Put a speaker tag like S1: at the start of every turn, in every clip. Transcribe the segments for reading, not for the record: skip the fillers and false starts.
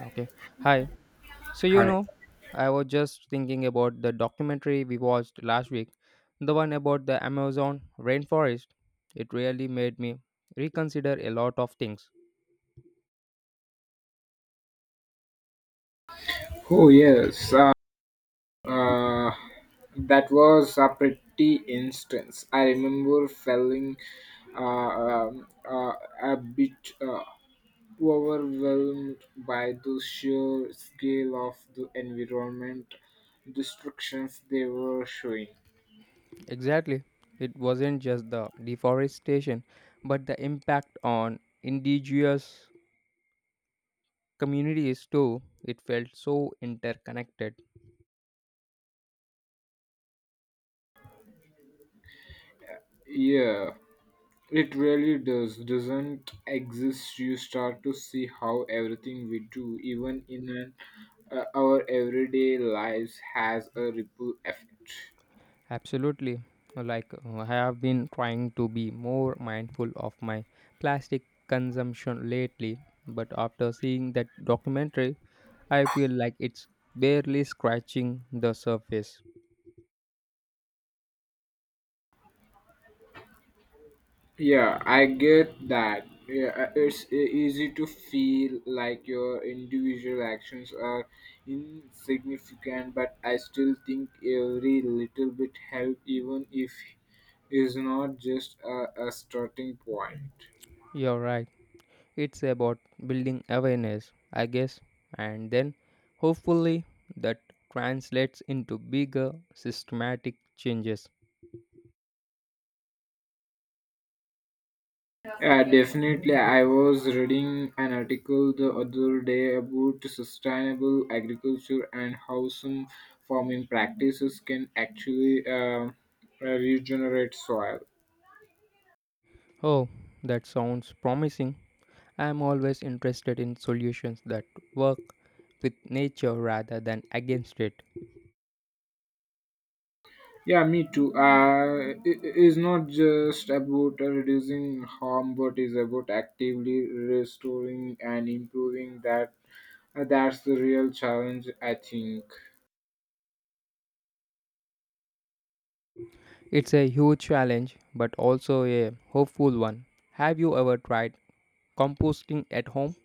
S1: Okay. Hi. So, you
S2: Hi.
S1: know, I was just thinking about the documentary we watched last week, the one about the Amazon rainforest. It really made me reconsider a lot of things.
S2: Oh yes, uh, that was a pretty instance. I remember feeling uh, um, uh, a bit overwhelmed by the sheer scale of the environment destructions they were showing.
S1: Exactly. It wasn't just the deforestation, but the impact on indigenous communities too. It felt so interconnected.
S2: Yeah. It really does, doesn't exist. You start to see how everything we do, even in an, our everyday lives, has a ripple effect.
S1: Absolutely. I have been trying to be more mindful of my plastic consumption lately, but after seeing that documentary, I feel like it's barely scratching the surface.
S2: Yeah, I get that. Yeah, it's easy to feel like your individual actions are insignificant, but I still think every little bit help, even if is not just a starting point.
S1: You're right. It's about building awareness, I guess, and then hopefully that translates into bigger systematic changes.
S2: Definitely, I was reading an article the other day about sustainable agriculture and how some farming practices can actually regenerate soil.
S1: Oh, that sounds promising. I am always interested in solutions that work with nature rather than against it.
S2: Yeah, me too. It is not just about reducing harm, but is about actively restoring and improving that. That's the real challenge, I think.
S1: It's a huge challenge, but also a hopeful one. Have you ever tried composting at home?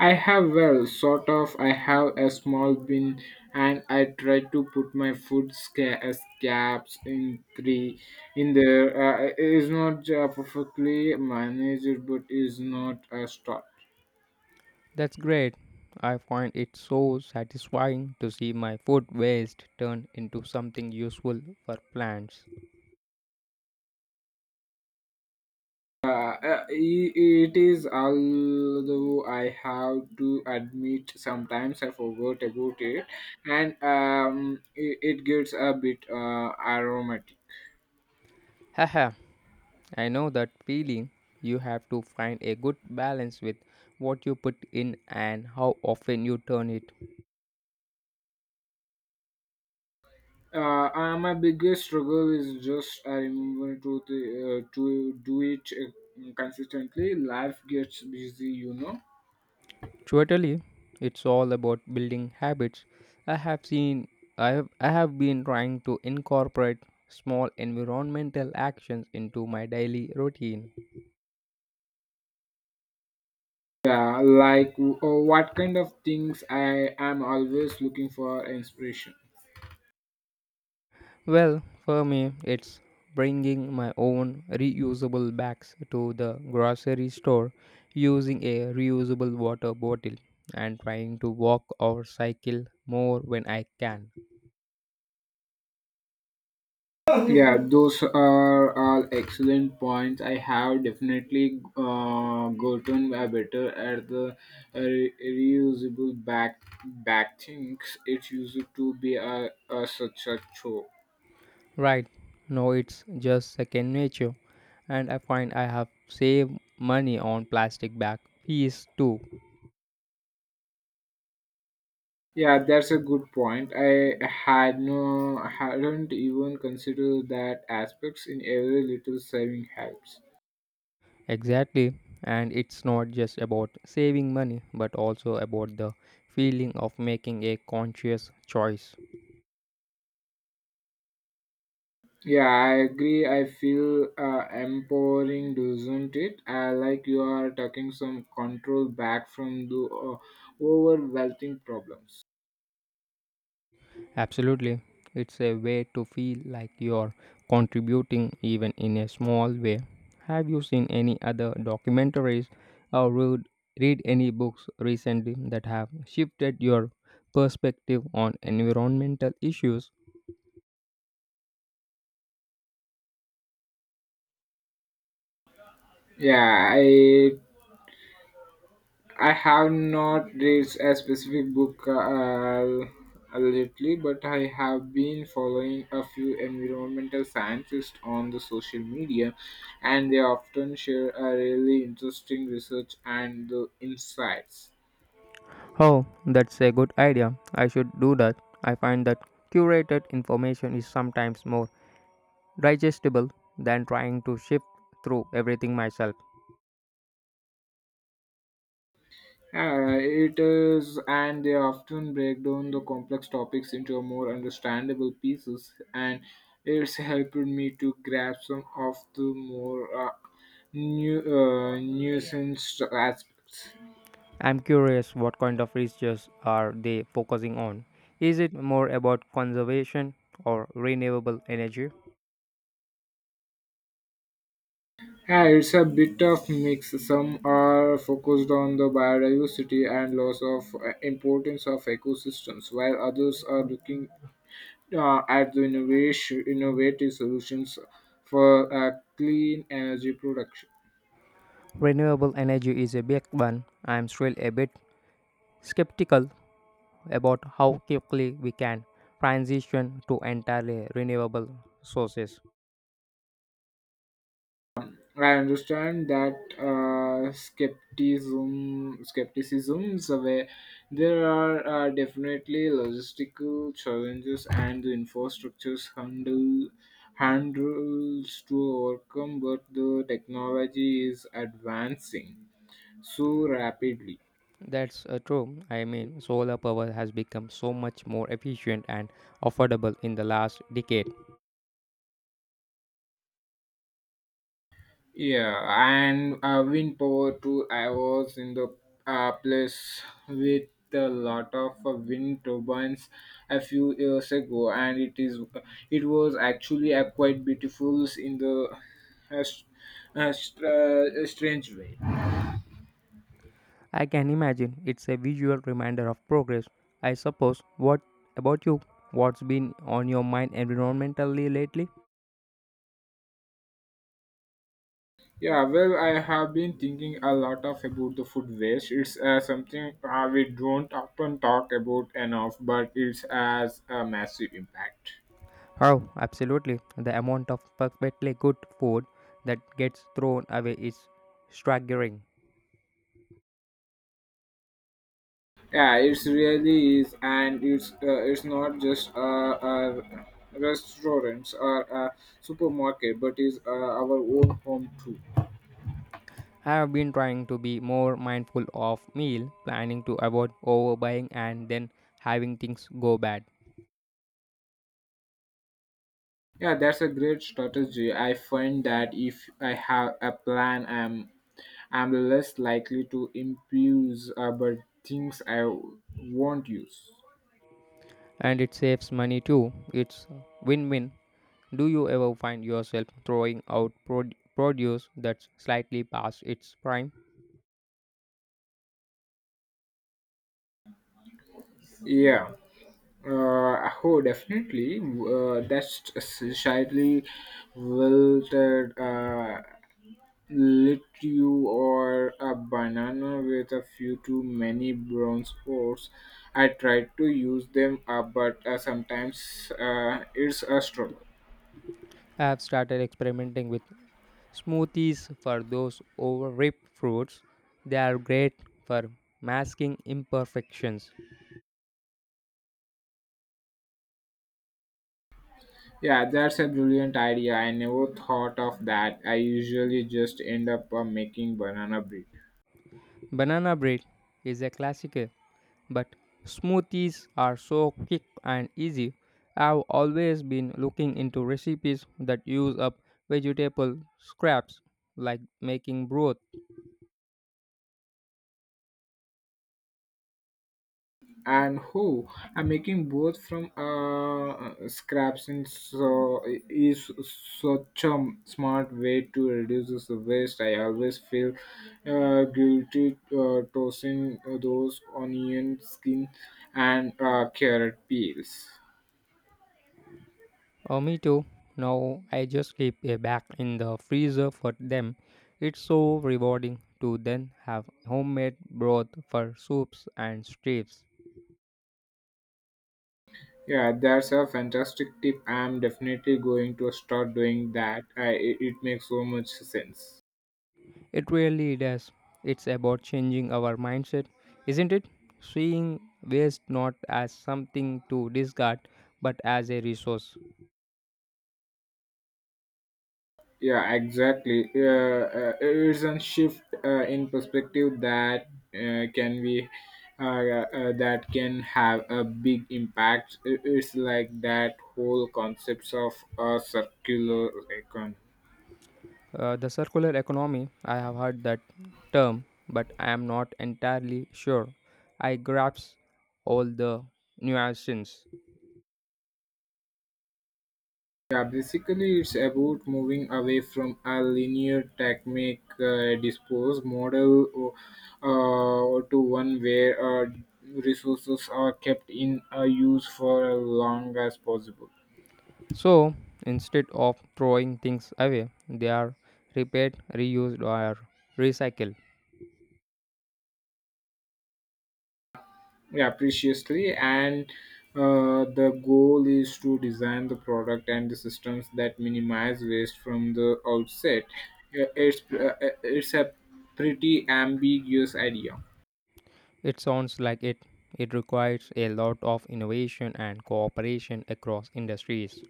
S2: I have well, sort of. I have a small bin, and I try to put my food scraps in three in there. It is not perfectly managed, but is not a start.
S1: That's great. I find it so satisfying to see my food waste turn into something useful for plants.
S2: It is although I have to admit sometimes I forgot about it, and it gets a bit aromatic.
S1: Haha, I know that feeling. You have to find a good balance with what you put in and how often you turn it.
S2: My biggest struggle is just I remember to the, to do it consistently. Life gets busy, you know.
S1: Totally, it's all about building habits. I have seen I have been trying to incorporate small environmental actions into my daily routine.
S2: Yeah, like what kind of things I am always looking for inspiration.
S1: Well, for me, it's bringing my own reusable bags to the grocery store, using a reusable water bottle, and trying to walk or cycle more when I can.
S2: Yeah, those are all excellent points. I have definitely gotten better at the reusable back things. It used to be a such a chore.
S1: Right. No, it's just second nature. And I find I have saved money on plastic bag fees too.
S2: Yeah, that's a good point. I had no, hadn't even considered that aspects in every little saving helps.
S1: Exactly. And it's not just about saving money, but also about the feeling of making a conscious choice.
S2: Yeah, I agree. I feel empowering, doesn't it? Like you are taking some control back from the overwhelming problems.
S1: Absolutely. It's a way to feel like you're contributing even in a small way. Have you seen any other documentaries or read any books recently that have shifted your perspective on environmental issues?
S2: Yeah, I have not read a specific book lately, but I have been following a few environmental scientists on the social media, and they often share a really interesting research and the insights.
S1: Oh, that's a good idea. I should do that. I find that curated information is sometimes more digestible than trying to shift through everything myself.
S2: It is, and they often break down the complex topics into more understandable pieces, and it's helped me to grasp some of the more new nuanced aspects.
S1: I'm curious, what kind of research are they focusing on? Is it more about conservation or renewable energy?
S2: Yeah, it's a bit of mix. Some are focused on the biodiversity and loss of importance of ecosystems, while others are looking at the innovative solutions for clean energy production.
S1: Renewable energy is a big one. I'm still a bit skeptical about how quickly we can transition to entirely renewable sources.
S2: I understand that skepticisms away. There are definitely logistical challenges and the infrastructures handles to overcome, but the technology is advancing so rapidly.
S1: That's True. I mean, solar power has become so much more efficient and affordable in the last decade.
S2: Yeah, and win power too. I was in the place with a lot of wind turbines a few years ago, and it was actually a quite beautiful in the uh, s- strange way.
S1: I can imagine it's a visual reminder of progress, I suppose. What about you? What's been on your mind environmentally lately?
S2: Yeah, well, I have been thinking a lot of about the food waste. It's something we don't often talk about enough, but it has a massive impact.
S1: Oh, absolutely. The amount of perfectly good food that gets thrown away is staggering.
S2: Yeah, it's really is, and it's not just a restaurants or a supermarket, but is our own home too.
S1: I have been trying to be more mindful of meal planning to avoid overbuying and then having things go bad.
S2: Yeah, that's a great strategy. I find that if I have a plan, I'm less likely to impulse about things I won't use.
S1: And it saves money too. It's win-win. Do you ever find yourself throwing out produce that's slightly past its prime?
S2: Yeah. Oh, definitely. That's slightly wilted. Lit you or a banana with a few too many brown spores. I tried to use them up, but sometimes it's a struggle.
S1: I have started experimenting with smoothies for those overripe fruits. They are great for masking imperfections.
S2: Yeah, that's a brilliant idea. I never thought of that. I usually just end up making banana bread.
S1: Banana bread is a classic, but smoothies are so quick and easy. I've always been looking into recipes that use up vegetable scraps, like making broth.
S2: And who are making both from scraps and so is such a smart way to reduce the waste. I always feel guilty tossing those onion skin and carrot peels.
S1: Oh, me too. Now I just keep a bag in the freezer for them. It's so rewarding to then have homemade broth for soups and stews.
S2: Yeah, that's a fantastic tip. I'm definitely going to start doing that. I, it makes so much sense.
S1: It really does. It's about changing our mindset, isn't it? Seeing waste not as something to discard but as a resource.
S2: Yeah, exactly. It's a shift in perspective that can be that can have a big impact. It's like that whole concepts of a circular economy.
S1: The circular economy, I have heard that term, but I am not entirely sure I grasp all the nuances.
S2: Yeah, basically, it's about moving away from a linear technique dispose model to one where resources are kept in use for as long as possible.
S1: So instead of throwing things away, they are repaired, reused, or recycled.
S2: Yeah, preciously, and the goal is to design the product and the systems that minimize waste from the outset. Yeah, it's a pretty ambiguous idea.
S1: It sounds like it. It requires a lot of innovation and cooperation across industries.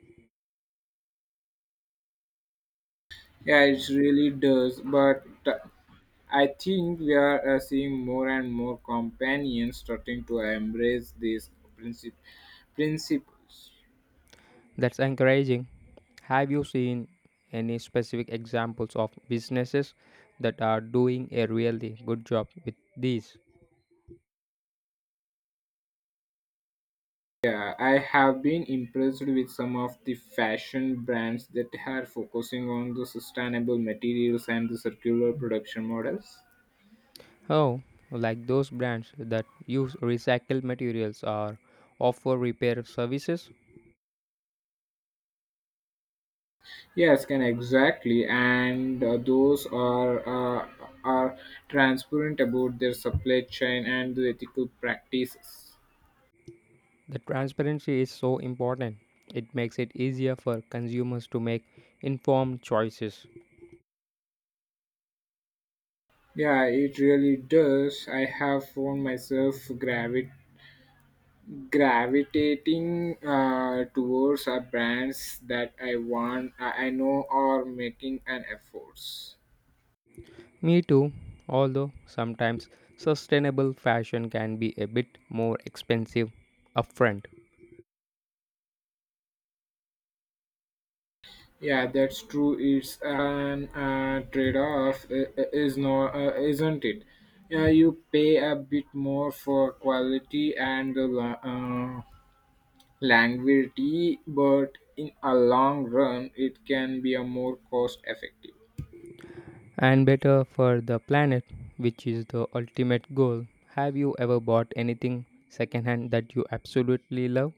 S2: Yeah, it really does, but I think we are seeing more and more companions starting to embrace these princip- principles.
S1: That's encouraging. Have you seen any specific examples of businesses that are doing a really good job with these?
S2: Yeah, I have been impressed with some of the fashion brands that are focusing on the sustainable materials and the circular production models.
S1: Oh, like those brands that use recycled materials or offer repair services?
S2: Yes, can exactly, and those are transparent about their supply chain and the ethical practices.
S1: The transparency is so important. It makes it easier for consumers to make informed choices.
S2: Yeah, it really does. I have found myself gravitating towards a brands that I want, I know, are making an efforts.
S1: Me too, although sometimes sustainable fashion can be a bit more expensive upfront,
S2: Yeah, that's true. It's an trade-off, is not, isn't it? Yeah, you pay a bit more for quality and the longevity, but in a long run, it can be a more cost-effective.
S1: and better for the planet, which is the ultimate goal. Have you ever bought anything secondhand that you absolutely love?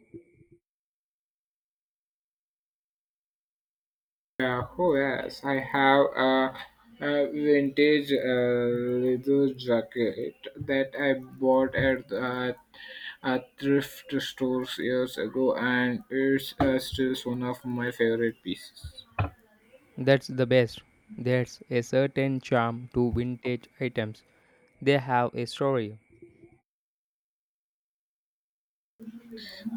S2: Oh yes, I have a vintage leather jacket that I bought at a thrift store years ago, and it's still one of my favorite pieces.
S1: That's the best. There's a certain charm to vintage items. They have a story.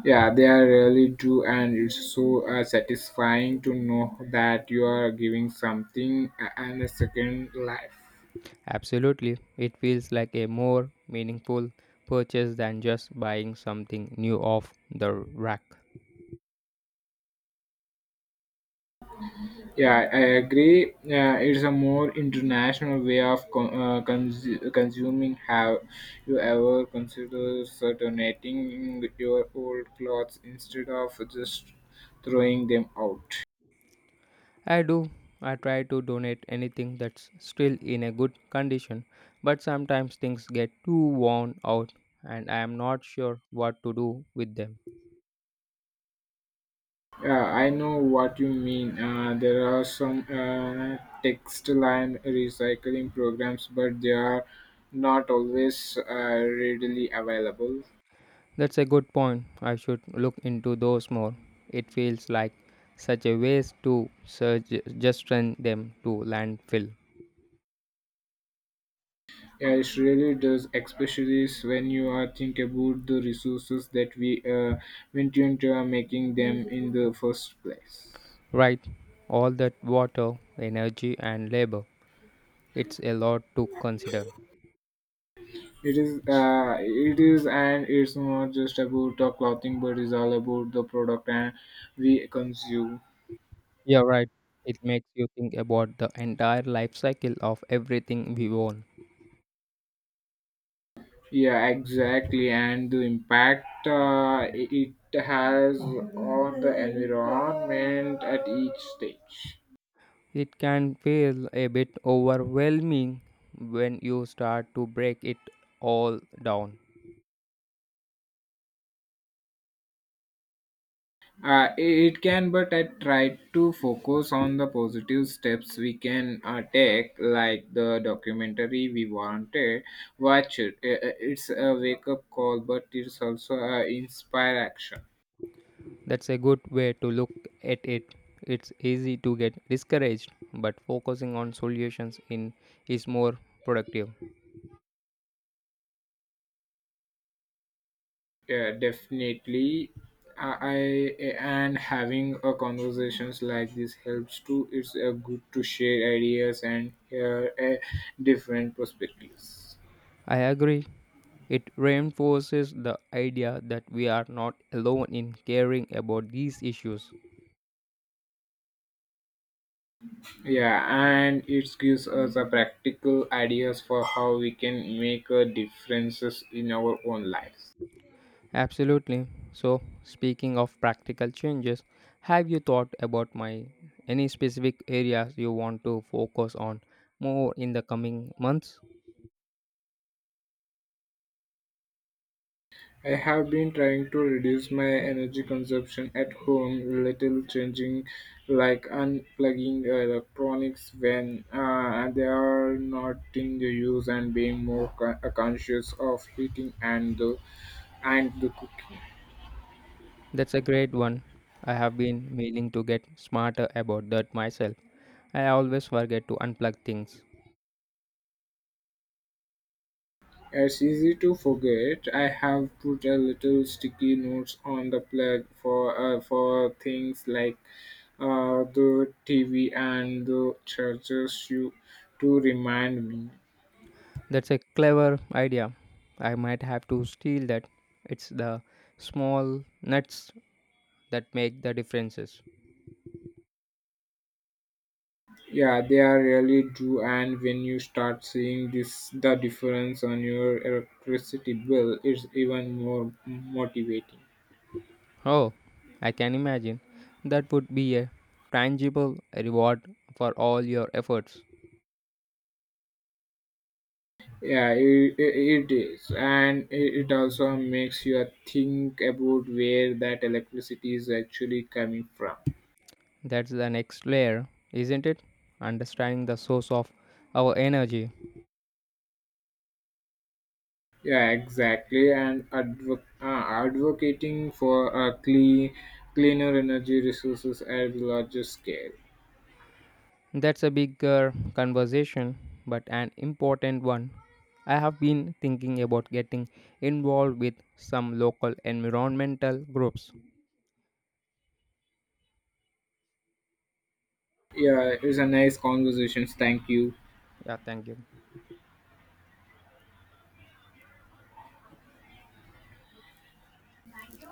S2: Yeah, they are really do, and it's so satisfying to know that you are giving something and a second life.
S1: Absolutely. It feels like a more meaningful purchase than just buying something new off the rack.
S2: Yeah, I agree. It's a more international way of consuming. Have you ever considered sort of donating your old clothes instead of just throwing them out?
S1: I do. I try to donate anything that's still in a good condition, but sometimes things get too worn out and I am not sure what to do with them.
S2: Yeah, I know what you mean. There are some textile and recycling programs, but they are not always readily available.
S1: That's a good point. I should look into those more. It feels like such a waste to surge, just send them to landfill.
S2: Yeah, it really does, especially when you are think about the resources that we went into making them in the first place.
S1: Right? All that water, energy, and labor. It's a lot to consider.
S2: It is, and it's not just about the clothing, but it's all about the product and we consume.
S1: Yeah, right. It makes you think about the entire life cycle of everything we own.
S2: Yeah, exactly, and the impact it has on the environment at each stage.
S1: It can feel a bit overwhelming when you start to break it all down.
S2: It can, but I try to focus on the positive steps we can take, like the documentary we wanted. Watch it. It's a wake up call, but it's also inspire action.
S1: That's a good way to look at it. It's easy to get discouraged, but focusing on solutions in is more productive.
S2: Yeah, definitely. I and having a conversations like this helps too. It's good to share ideas and hear different perspectives.
S1: I agree. It reinforces the idea that we are not alone in caring about these issues.
S2: Yeah, and it gives us a practical ideas for how we can make a differences in our own lives.
S1: Absolutely. So, speaking of practical changes, have you thought about my any specific areas you want to focus on more in the coming months?
S2: I have been trying to reduce my energy consumption at home, little changing like unplugging the electronics when they are not in the use and being more conscious of heating and the cooking.
S1: That's a great one. I have been meaning to get smarter about that myself. I always forget to unplug things.
S2: It's easy to forget. I have put a little sticky notes on the plug for things like the TV and the chargers you to remind me.
S1: That's a clever idea. I might have to steal that. It's the small nuts that make the differences.
S2: Yeah, they are really do. And when you start seeing this, the difference on your electricity bill, it's even more motivating.
S1: Oh, I can imagine. That would be a tangible reward for all your efforts.
S2: Yeah, it is, and it also makes you think about where that electricity is actually coming from.
S1: That's the next layer, isn't it? Understanding the source of our energy.
S2: Yeah, exactly. And advocating for a cleaner energy resources at larger scale.
S1: That's a bigger conversation, but an important one. I have been thinking about getting involved with some local environmental groups.
S2: Yeah, it's a nice conversation. Thank you.
S1: Yeah, thank you.